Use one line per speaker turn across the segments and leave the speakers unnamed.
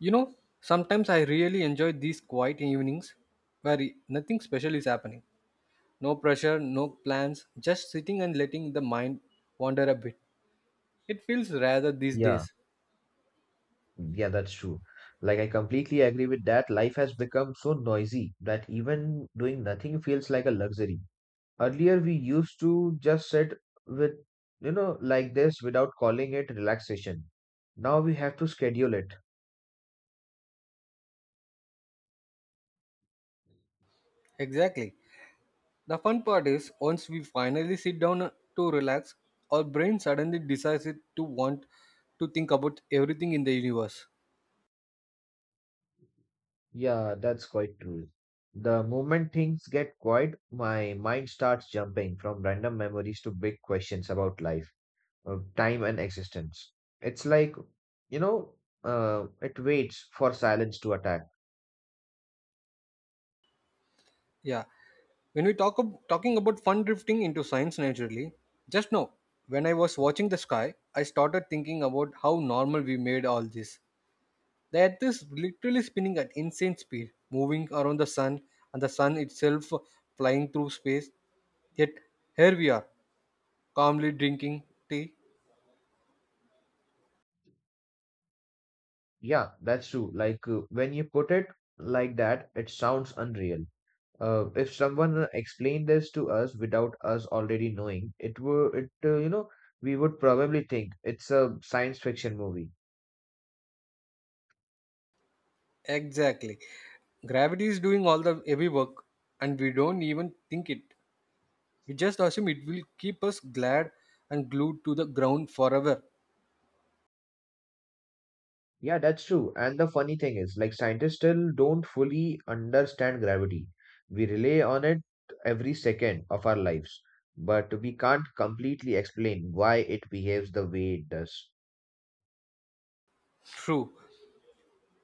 You know, Sometimes I really enjoy these quiet evenings where nothing special is happening. No pressure, no plans, just sitting and letting the mind wander a bit. It feels rather these
Yeah,
days.
yeah, that's true. I completely agree with that. Life has become so noisy that even doing nothing feels like a luxury. Earlier, we used to just sit with like this without calling it relaxation. Now we have to schedule it.
Exactly. The fun part is once we finally sit down to relax, our brain suddenly decides it to want to think about everything in the universe.
Yeah, that's quite true. The moment things get quiet, my mind starts jumping from random memories to big questions about life, of time, and existence. It's like, you know, it waits for silence to attack.
Yeah. When we talking about fun drifting into science naturally, just now, when I was watching the sky, I started thinking about how normal we made all this. The earth is literally spinning at insane speed, moving around the sun and the sun itself flying through space. Yet here we are, calmly drinking tea.
Yeah, that's true. When you put it like that, it sounds unreal. If someone explained this to us without us already knowing, it would, it you know, we would probably think it's a science fiction movie.
Exactly. Gravity is doing all the heavy work and we don't even think it. We just assume it will keep us glad and glued to the ground forever.
Yeah, that's true. And the funny thing is, like scientists still don't fully understand gravity. We rely on it every second of our lives, but we can't completely explain why it behaves the way it does.
True.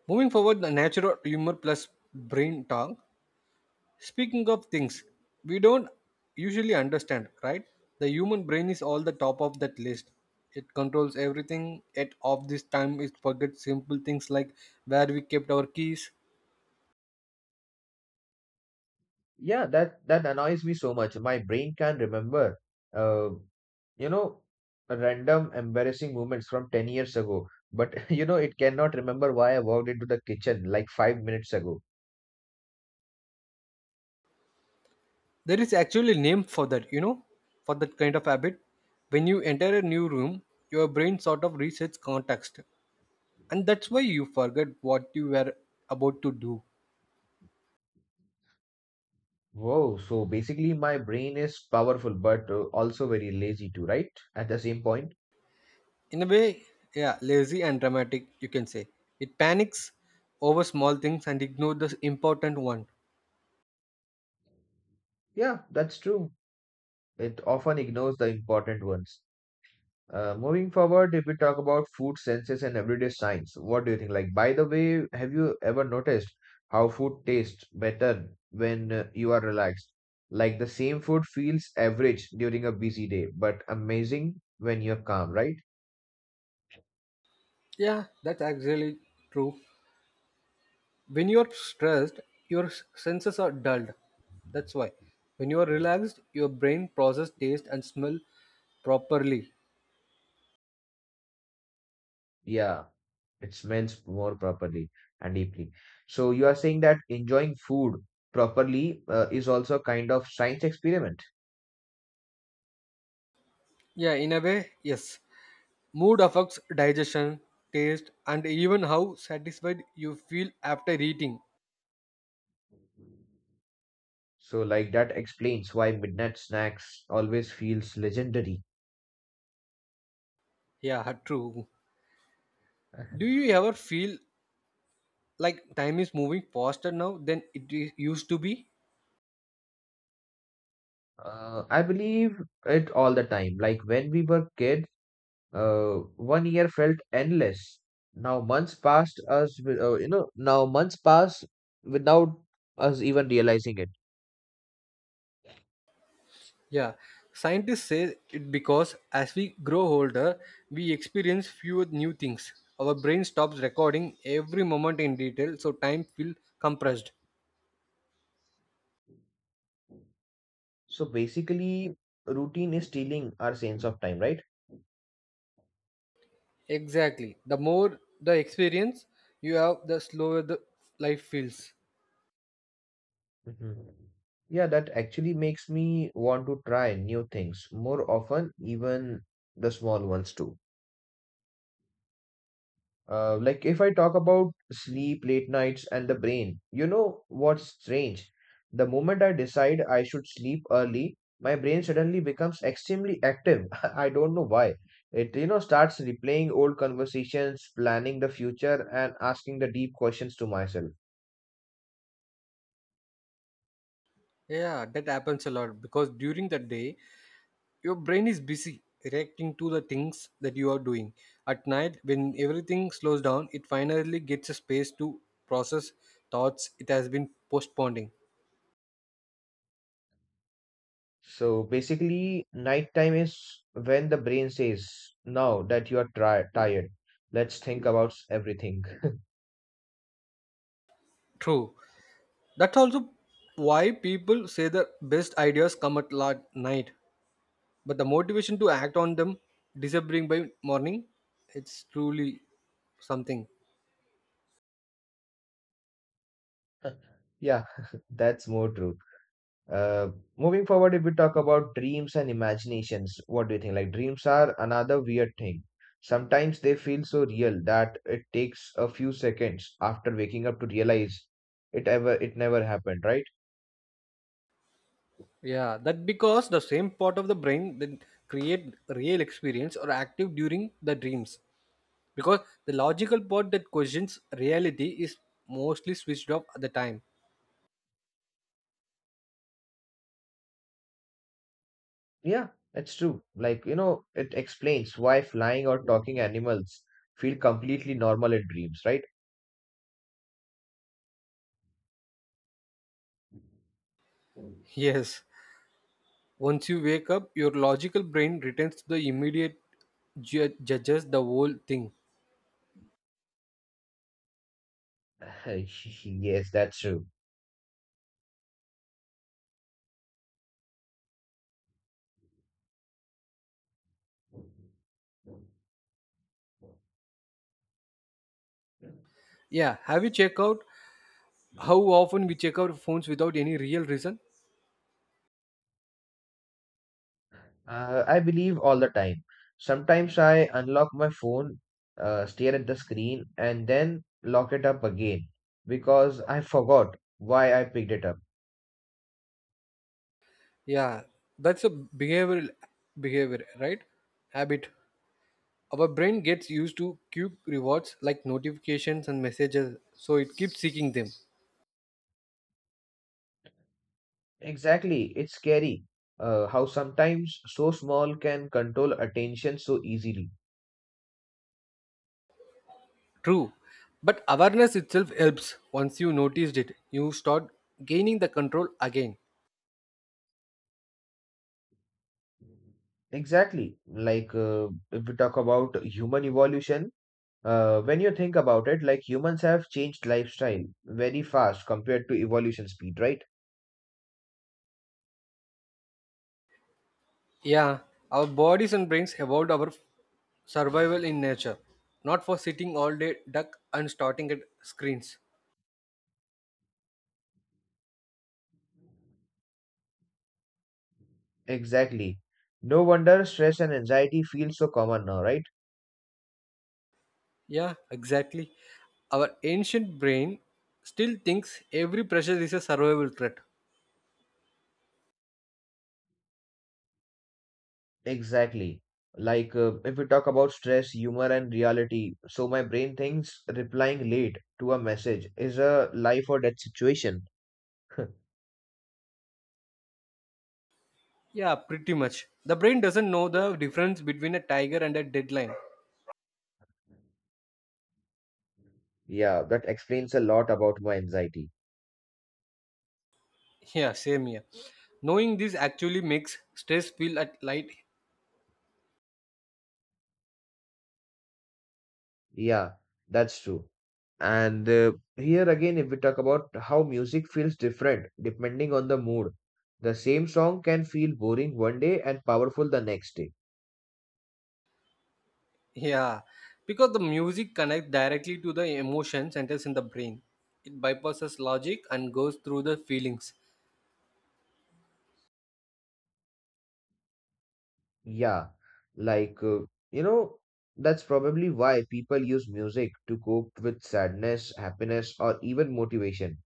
Moving forward, the natural humor plus brain talk. Speaking of things we don't usually understand, right? The human brain is all the top of that list. It controls everything. At of this time, it forgets simple things like where we kept our keys.
Yeah, that annoys me so much. My brain can remember, uh, you know, random embarrassing moments from 10 years ago, but it cannot remember why I walked into the kitchen like 5 minutes ago.
There is actually a name for that, for that kind of habit. When you enter a new room, your brain sort of resets context, and that's why you forget what you were about to do.
Whoa, so basically my brain is powerful, but also very lazy too, right? At the same point.
In a way, yeah, lazy and dramatic, you can say. It panics over small things and ignore the important one.
Yeah, that's true. It often ignores the important ones. Moving forward, if we talk about food senses and everyday signs, what do you think? By the way, have you ever noticed how food tastes better when you are relaxed? Like, the same food feels average during a busy day, but amazing when you're calm, right?
Yeah, that's actually true. When you're stressed, your senses are dulled. That's why when you are relaxed, your brain processes taste and smell properly.
Yeah, it smells more properly and deeply. So, you are saying that enjoying food properly is also a kind of science experiment.
Yeah, in a way, yes. Mood affects digestion, taste, and even how satisfied you feel after eating.
So, like, that explains why midnight snacks always feels legendary.
Yeah, true. Do you ever feel like time is moving faster now than it used to be?
I believe it all the time. Like when we were kids, one year felt endless. Now months passed us, with, you know, now months pass without us even realizing it.
Yeah, scientists say it because as we grow older we experience fewer new things. Our brain stops recording every moment in detail, so time feels compressed.
So basically, routine is stealing our sense of time, right?
Exactly. The more the experience you have, the slower the life feels.
Mhm. Yeah, that actually makes me want to try new things more often, even the small ones too. Like if I talk about sleep, late nights, and the brain, you know what's strange? The moment I decide I should sleep early, my brain suddenly becomes extremely active. I don't know why. It starts replaying old conversations, planning the future, and asking the deep questions to myself.
Yeah, that happens a lot because during the day your brain is busy reacting to the things that you are doing. At night, when everything slows down, it finally gets a space to process thoughts it has been postponing.
So basically, nighttime is when the brain says, "Now that you are tri tired, let's think about everything."
True. That's also why people say the best ideas come at night, but the motivation to act on them disappearing by morning, it's truly something.
Yeah, that's more true. Uh, Moving forward, if we talk about dreams and imaginations, what do you think? Like dreams are another weird thing. Sometimes they feel so real that it takes a few seconds after waking up to realize it never happened, right?
Yeah, that because the same part of the brain that create real experience or active during the dreams because the logical part that questions reality is mostly switched off at the time.
Yeah, that's true. It explains why flying or talking animals feel completely normal in dreams, right?
Yes, once you wake up, your logical brain returns to the immediate judges the whole thing.
Yes, that's true.
Yeah, have you checked out how often we check our phones without any real reason?
I believe all the time. Sometimes I unlock my phone, stare at the screen, and then lock it up again because I forgot why I picked it up.
Yeah, that's a behavior, right? Habit. Our brain gets used to cube rewards like notifications and messages, so it keeps seeking them.
Exactly, it's scary how sometimes so small can control attention so easily.
True, but awareness itself helps. Once you noticed it, you start gaining the control again.
Exactly, if we talk about human evolution, when you think about it, like humans have changed lifestyle very fast compared to evolution speed, right?
Yeah, our bodies and brains evolved our survival in nature, not for sitting all day duck and starting at screens.
Exactly. No wonder stress and anxiety feel so common now, right?
Yeah, exactly. Our ancient brain still thinks every pressure is a survival threat.
Exactly. If we talk about stress, humor, and reality, so my brain thinks replying late to a message is a life or death situation.
Yeah, pretty much. The brain doesn't know the difference between a tiger and a deadline.
Yeah, that explains a lot about my anxiety.
Yeah, same here. Knowing this actually makes stress feel at light.
Yeah, that's true. And here again, if we talk about how music feels different depending on the mood, the same song can feel boring one day and powerful the next day.
Yeah, because the music connects directly to the emotion centers in the brain. It bypasses logic and goes through the feelings.
Yeah, like, uh, you know, that's probably why people use music to cope with sadness, happiness, or even motivation.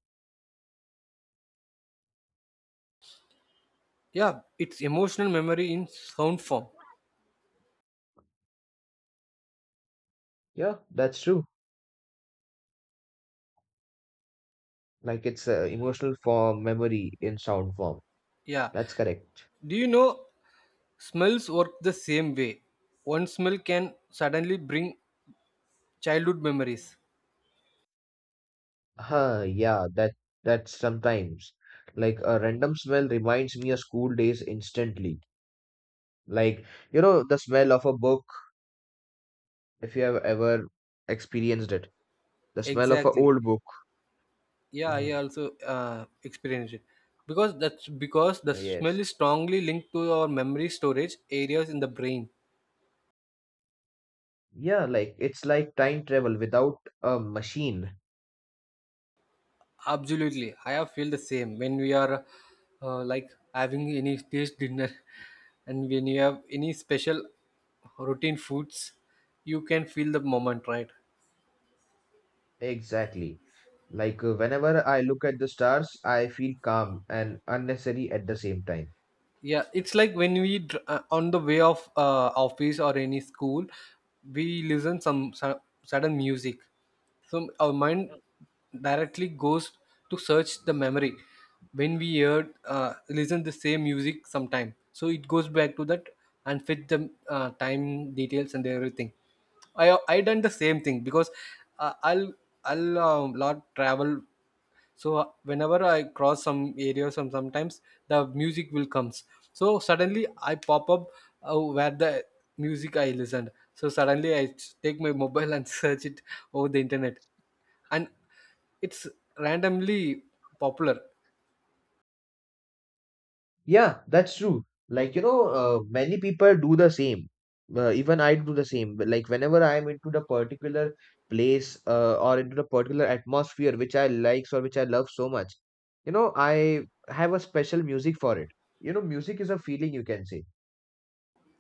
Yeah, it's emotional memory in sound form.
Yeah, that's true. Like, it's emotional form, memory in sound form.
Yeah.
That's correct.
Do you know smells work the same way? One smell can suddenly bring childhood memories.
Huh, yeah, that's sometimes like a random smell reminds me of school days instantly. Like, the smell of a book, if you have ever experienced it, the smell of an
Exactly.
old book.
Yeah,
Hmm.
I also experienced it. Because That's because the smell
Yes.
is strongly linked to our memory storage areas in the brain.
Yeah, like it's like time travel without a machine.
Absolutely, I have feel the same when we are like having any taste dinner, and when you have any special routine foods, you can feel the moment, right?
Exactly. Whenever I look at the stars, I feel calm and unnecessary at the same time.
Yeah, it's like when we on the way of office or any school. We listen some sudden music, so our mind directly goes to search the memory when we heard listen the same music sometime, so it goes back to that and fit the time details and everything. I done the same thing because uh, I'll I'll lot travel. So whenever I cross some areas, sometimes the music will comes, so suddenly I pop up where the music I listened. So suddenly I take my mobile and search it over the internet, and it's randomly popular.
Yeah, that's true. Many people do the same. Even I do the same. But, like, whenever I'm into the particular place or into the particular atmosphere which I likes or which I love so much, you know, I have a special music for it. You know, music is a feeling, you can say.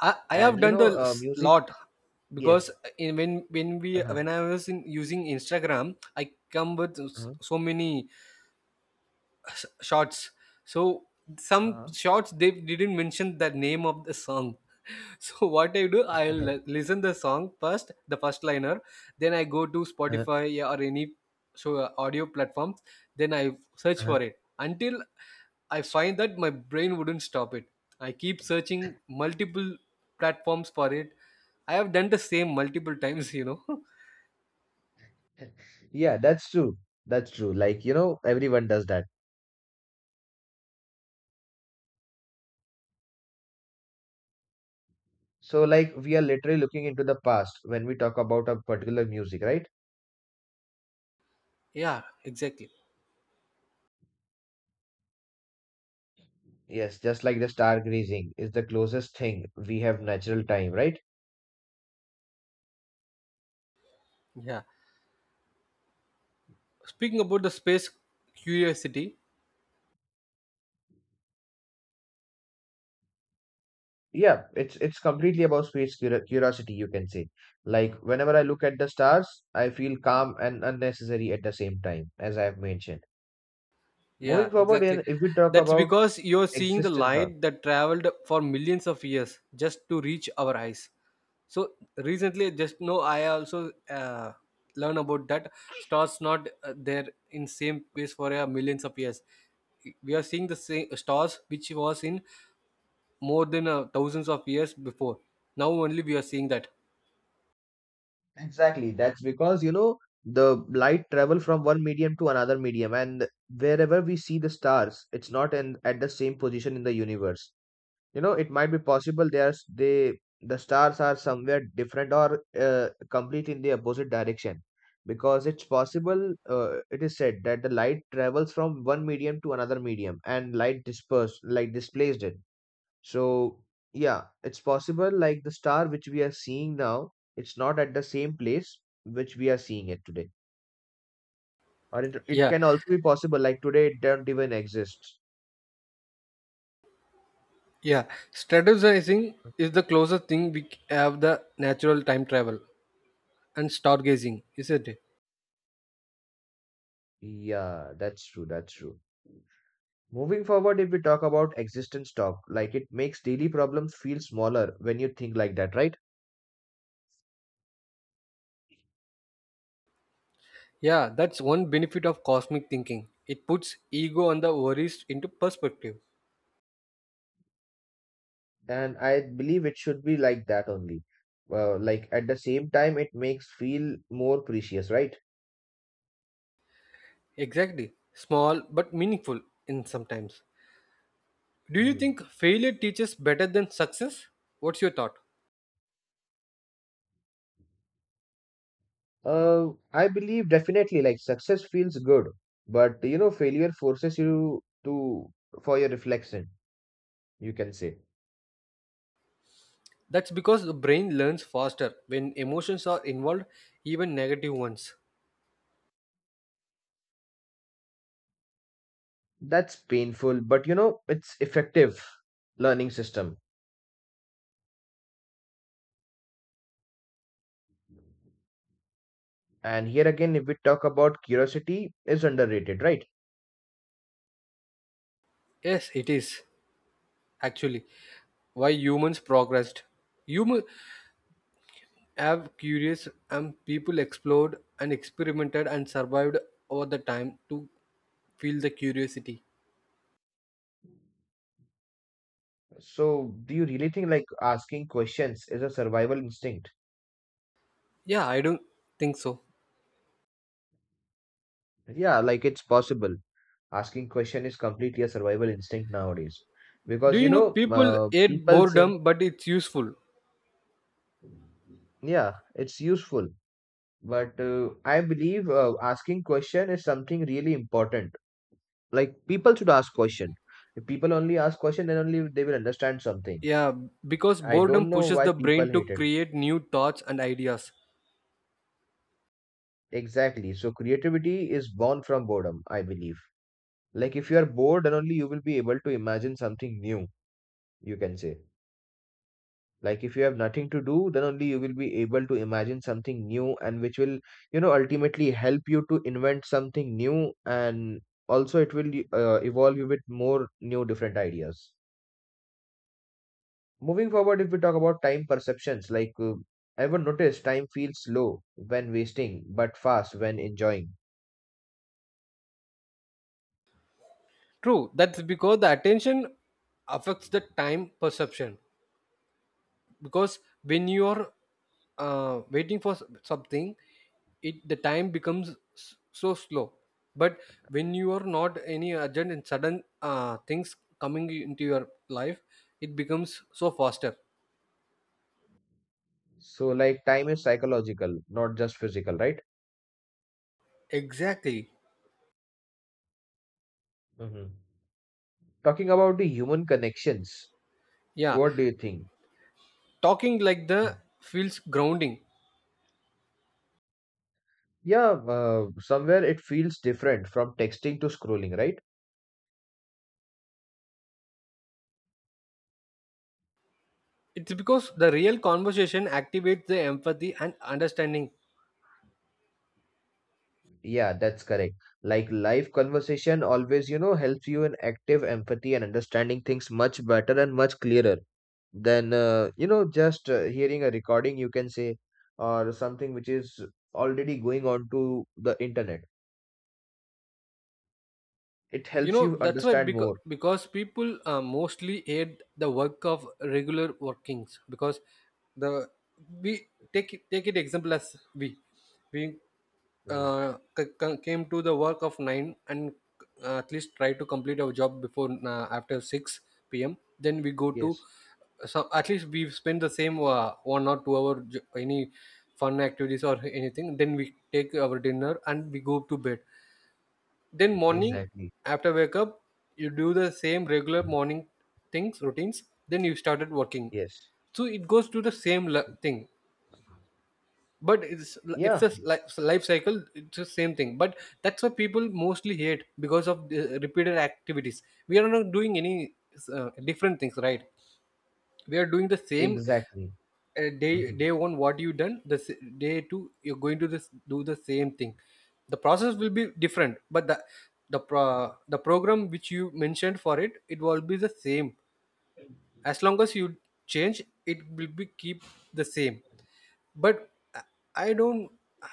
I have
And, you
done the
know, music,
lot because
yes.
in when we
Uh-huh.
when I was in using Instagram I come with
Uh-huh.
so many shots. So some
Uh,
shots, they didn't mention the name of the song. So what I do, I'll listen the song first, the first liner. Then I go to
uh-huh.
Spotify or any audio platforms. Then I search
Uh-huh.
for it until I find that. My brain wouldn't stop it, I keep searching multiple platforms for it. I have done the same multiple times.
Yeah, that's true. That's true. Like, you know, everyone does that. So, like, we are literally looking into the past when we talk about a particular music, right?
Yeah, exactly.
Yes, just like the stargazing is the closest thing we have natural time, right?
Yeah, speaking about the space curiosity.
Yeah, it's completely about space curiosity, you can say. Like, whenever I look at the stars, I feel calm and unnecessary at the same time, as I have mentioned. Moving
Yeah,
forward,
exactly.
and if we talk
That's
about
because you're seeing the
existence.
light that traveled for millions of years just to reach our eyes. So recently, just know I also learn about that stars not there in same place for millions of years. We are seeing the same stars which was in more than thousands of years before. Now only we are seeing that.
Exactly. That's because, you know, the light travel from one medium to another medium, and wherever we see the stars, it's not in at the same position in the universe. You know, it might be possible the stars are somewhere different or complete in the opposite direction because it's possible it is said that the light travels from one medium to another medium and light dispersed, light displaced it so, yeah, it's possible like the star which we are seeing now, it's not at the same place which we are seeing it today. Or it
Yeah,
can also be possible like today it don't even exist.
yeah. Strategizing is the closest thing we have the natural time travel and stargazing, isn't it?
Yeah, that's true, that's true. Moving forward, if we talk about existence talk, like it makes daily problems feel smaller when you think like that, right?
Yeah, that's one benefit of cosmic thinking. It puts ego and the worries into perspective.
And I believe it should be like that only. Like at the same time, it makes feel more precious, right?
Exactly. Small but meaningful in sometimes. Do you
Mhm.
think failure teaches better than success? What's your thought?
I believe definitely like success feels good, but you know, failure forces you to for your reflection, you can say.
That's because the brain learns faster when emotions are involved, even negative ones.
That's painful, but you know, it's effective learning system. And here again, if we talk about curiosity, is underrated, right?
Yes, it is actually why humans progressed. Humans have curious and people explored and experimented and survived over the time to feel the curiosity.
So, do you really think like asking questions is a survival instinct?
Yeah, I don't think so.
Yeah, like it's possible. Asking question is completely a survival instinct nowadays
Do
because you
you know
know,
people hate
people say,
boredom, but it's useful?
yeah, it's useful. But I believe asking question is something really important. Like people should ask question. If people only ask question, then only they will understand something.
Yeah, because
I
boredom
don't know
pushes
why
the
people
brain to
hate it.
create new thoughts and ideas.
Exactly. So creativity is born from boredom, I believe. Like if you are bored, then only you will be able to imagine something new, you can say. Like if you have nothing to do then only you will be able to imagine something new and which will, you know, ultimately help you to invent something new and also it will evolve you with more new different ideas. Moving forward, if we talk about time perceptions, ever notice time feels slow when wasting but fast when enjoying.
True, that's because the attention affects the time perception. Because when you are waiting for something, it the time becomes so slow. But when you are not any urgent and sudden things coming into your life, it becomes so faster.
So like time is psychological not just physical, right?
Exactly.
Hmm. Talking about the human connections,
Yeah,
what do you think?
talking like the feels grounding.
Yeah, somewhere it feels different from texting to scrolling, right?
It's because the real conversation activates the empathy and understanding.
Yeah, that's correct. Like live conversation always, you know, helps you in active empathy and understanding things much better and much clearer than, you know, just hearing a recording, you can say, or something which is already going on to the internet. It
You
helps
know,
you
that's why,
understand
because
more.
people mostly hate the work of regular workings, because the we take it example as we
Mhm.
came to the work of 9 and at least try to complete our job before after 6 p.m then we go to.
Yes,
So at least we've spent the same 1 or 2 hour any fun activities or anything. Then we take our dinner and we go to bed. Then morning
exactly.
after wake up, you do the same regular morning things, routines. Then you started working.
Yes.
So it goes to the same thing. But it's it's
Yeah,
a li- life cycle. It's the same thing. But that's what people mostly hate because of the repeated activities. We are not doing any different things, right? We are doing the same
exactly.
day
Mhm.
day one what you done the day two you're going to this do the same thing. The process will be different, but the program which you mentioned for it will be the same. As long as you change, it will be keep the same. But i I don't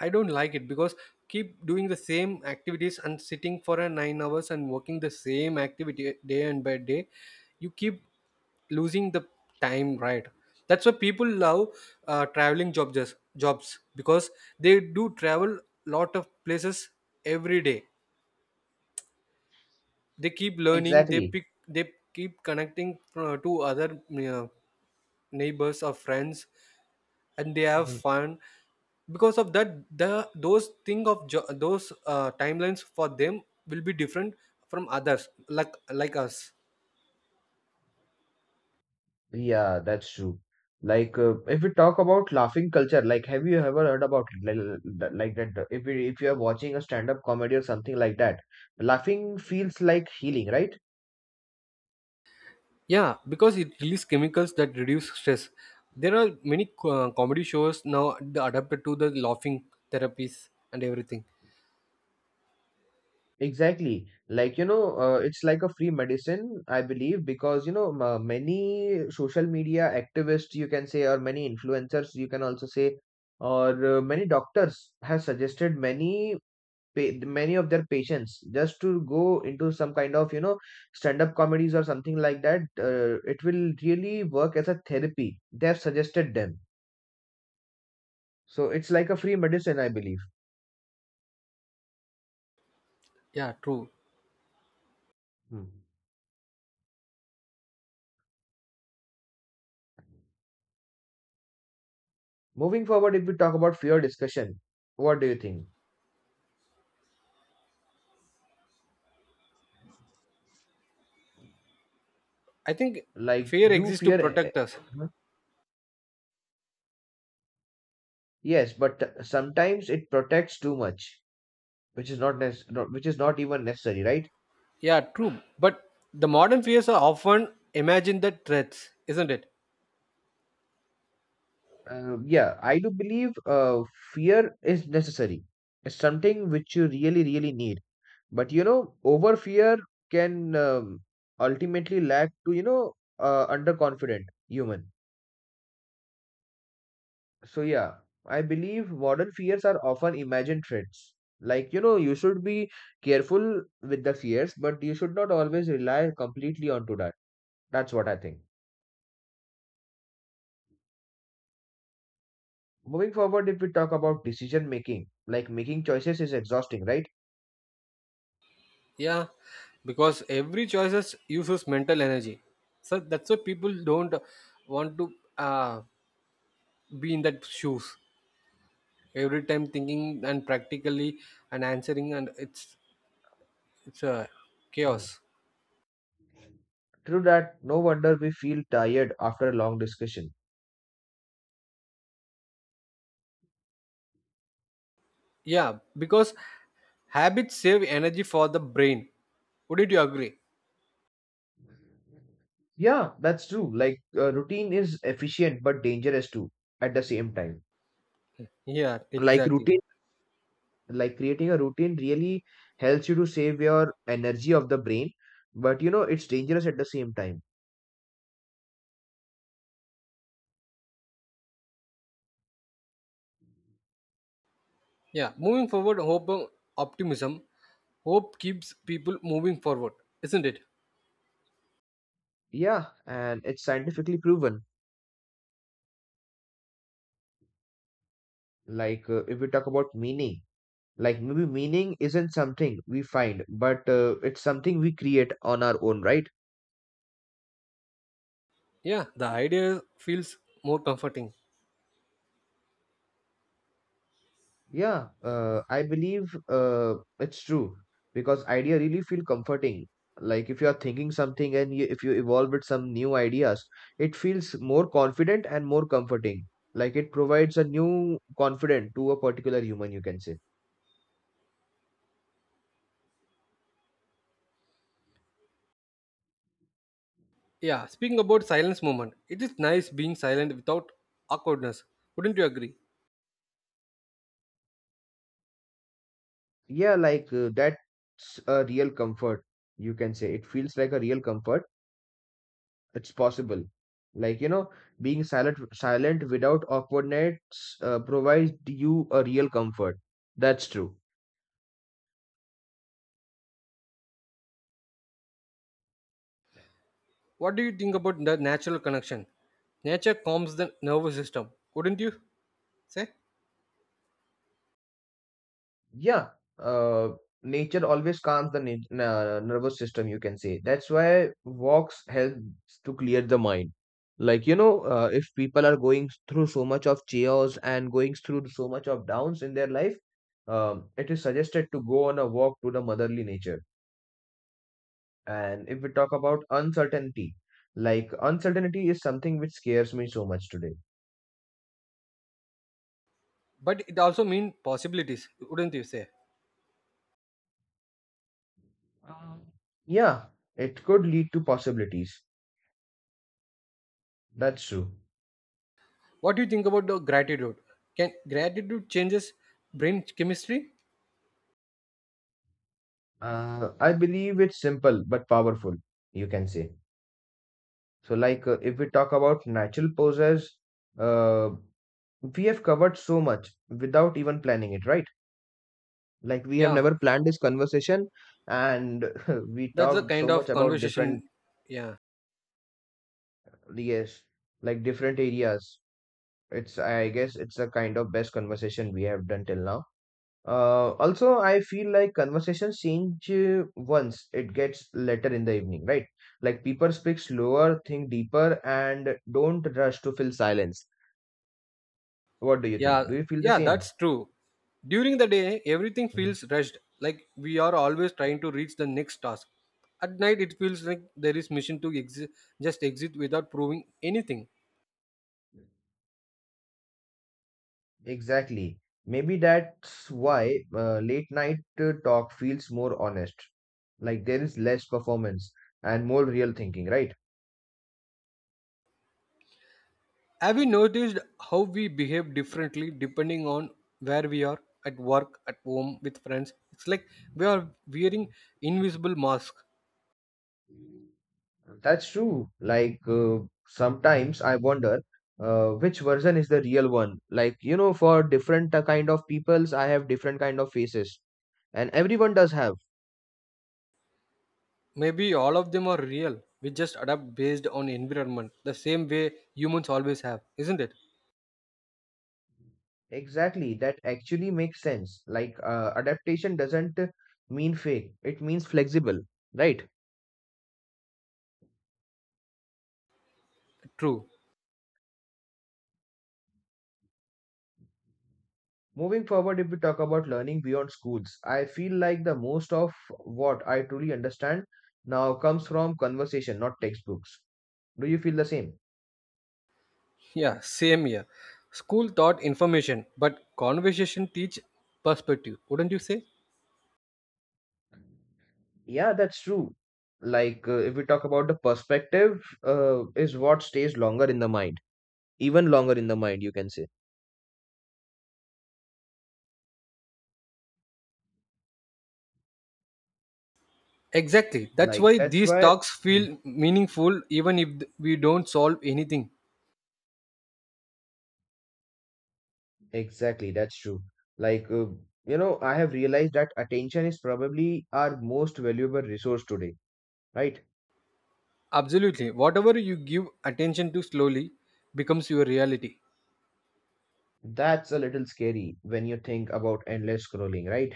I don't like it because keep doing the same activities and sitting for a 9 hours and working the same activity day and by day you keep losing the time, right? That's why people love traveling jobs because they do travel lot of places every day, they keep learning, they
Exactly.
pick they keep connecting to other neighbors or friends, and they have
Mhm.
fun. Because of that the those thing of jo- those timelines for them will be different from others, like us.
Yeah, that's true. Like, if we talk about laughing culture, like, have you ever heard about it? Like, that, if you are watching a stand-up comedy or something like that, laughing feels like healing, right?
Yeah, because it releases chemicals that reduce stress. There are many comedy shows now adapted to the laughing therapies and everything.
Exactly. Like, you know, it's like a free medicine, I believe, because, you know, many social media activists, you can say, or many influencers, you can also say, or many doctors have suggested many pa many of their patients just to go into some kind of, you know, stand-up comedies or something like that. It will really work as a therapy. They have suggested them. So it's like a free medicine, I believe.
Yeah, true.
Hmm. Moving forward, if we talk about fear discussion, what do you think?
I think
Like,
fear
do
exists to
fear?
protect us.
Huh? Yes, but sometimes it protects too much, which is not nec- not- which is not even necessary, right?
Yeah, true. But the modern fears are often imagined that threats, isn't it?
Yeah, I do believe fear is necessary. It's something which you really, really need. But you know, over fear can ultimately lead to underconfident human. So yeah, I believe modern fears are often imagined threats. Like you know, you should be careful with the fears, but you should not always rely completely onto that. That's what I think. Moving forward, if we talk about decision making, like making choices is exhausting, right?
Yeah, because every choices uses mental energy. So that's why people don't want to be in that shoes every time thinking and practically and answering, and it's a
Mhm.
chaos.
True that. No wonder we feel tired after a long discussion.
Yeah, because habits save energy for the brain. Wouldn't you agree?
Yeah, that's true. Like routine is efficient but dangerous too at the same time.
Yeah,
Like
exactly.
routine, like creating a routine really helps you to save your energy of the brain, but you know it's dangerous at the same time.
Yeah, moving forward, hope and optimism. Hope keeps people moving forward, isn't it?
Yeah, and it's scientifically proven. Like if we talk about meaning, like maybe meaning isn't something we find, but it's something we create on our own, right?
Yeah, the idea feels more comforting.
Yeah, I believe it's true because idea really feel comforting. Like if you are thinking something if you evolve with some new ideas, it feels more confident and more comforting. Like it provides a new confidence to a particular human, you can say.
Yeah, speaking about silence moment, it is nice being silent without awkwardness. Wouldn't you agree?
Yeah, like that's a real comfort, you can say. It feels like a real comfort. It's possible. Like, you know, being silent without awkwardness provides you a real comfort. That's true.
What do you think about the natural connection? Nature calms the nervous system, wouldn't you say?
Yeah, uh, nature always calms the nervous system, you can say. That's why walks helps to clear the mind. Like, you know, if people are going through so much of chaos and going through so much of downs in their life, it is suggested to go on a walk to the motherly nature. And if we talk about uncertainty, like uncertainty is something which scares me so much today.
But it also means possibilities, wouldn't you say?
Um, Yeah, it could lead to possibilities. That's true.
What do you think about the gratitude? Can gratitude changes brain chemistry?
I believe it's simple but powerful, you can say. So, like, if we talk about natural poses, uh, we have covered so much without even planning it, right? Like, we have
Yeah,
never planned this conversation, and we
that's the
talked
kind
so much
of
about different,
conversation. Yeah.
yes, like different areas. It's, I guess, it's a kind of best conversation we have done till now. Also, I feel like conversations change once it gets later in the evening, right? Like people speak slower, think deeper, and don't rush to fill silence. What do you think?
Yeah,
Do you feel the
yeah,
same?
that's true. During the day, everything
Mhm.
feels rushed, like we are always trying to reach the next task. At night, it feels like there is mission to just exit without proving anything.
Exactly. Maybe that's why late night talk feels more honest. Like there is less performance and more real thinking, right?
Have you noticed how we behave differently depending on where we are at work, at home, with friends? It's like we are wearing invisible masks.
That's true. Like sometimes I wonder which version is the real one. Like you know, for different kind of peoples, I have different kind of faces, and everyone does have.
Maybe all of them are real. We just adapt based on environment, the same way humans always have, isn't it?
Exactly, that actually makes sense. Like adaptation doesn't mean fake; it means flexible, right?
True.
Moving forward, if we talk about learning beyond schools, I feel like the most of what I truly understand now comes from conversation, not textbooks. Do you feel the same?
Yeah, same here. School taught information, but conversation teach perspective, wouldn't you say?
Yeah, that's true. Like, if we talk about the perspective, is what stays longer in the mind, even longer in the mind, you can say.
Exactly. That's
Like,
why
that's
these
why,
talks
Mhm.
feel meaningful even if we don't solve anything.
exactly, that's true. Like, you know, I have realized that attention is probably our most valuable resource today, right?
Absolutely. Whatever you give attention to slowly becomes your reality.
That's a little scary when you think about endless scrolling, right?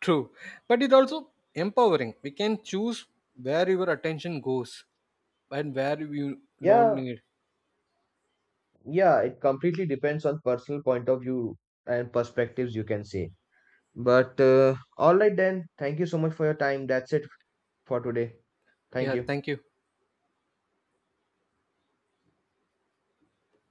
True. But it's also empowering. We can choose where your attention goes and where you don't
Yeah,
need.
yeah, it completely depends on personal point of view and perspectives, you can say. But all right then, thank you so much for your time. That's it for today. Thank
Yeah,
you.
thank you.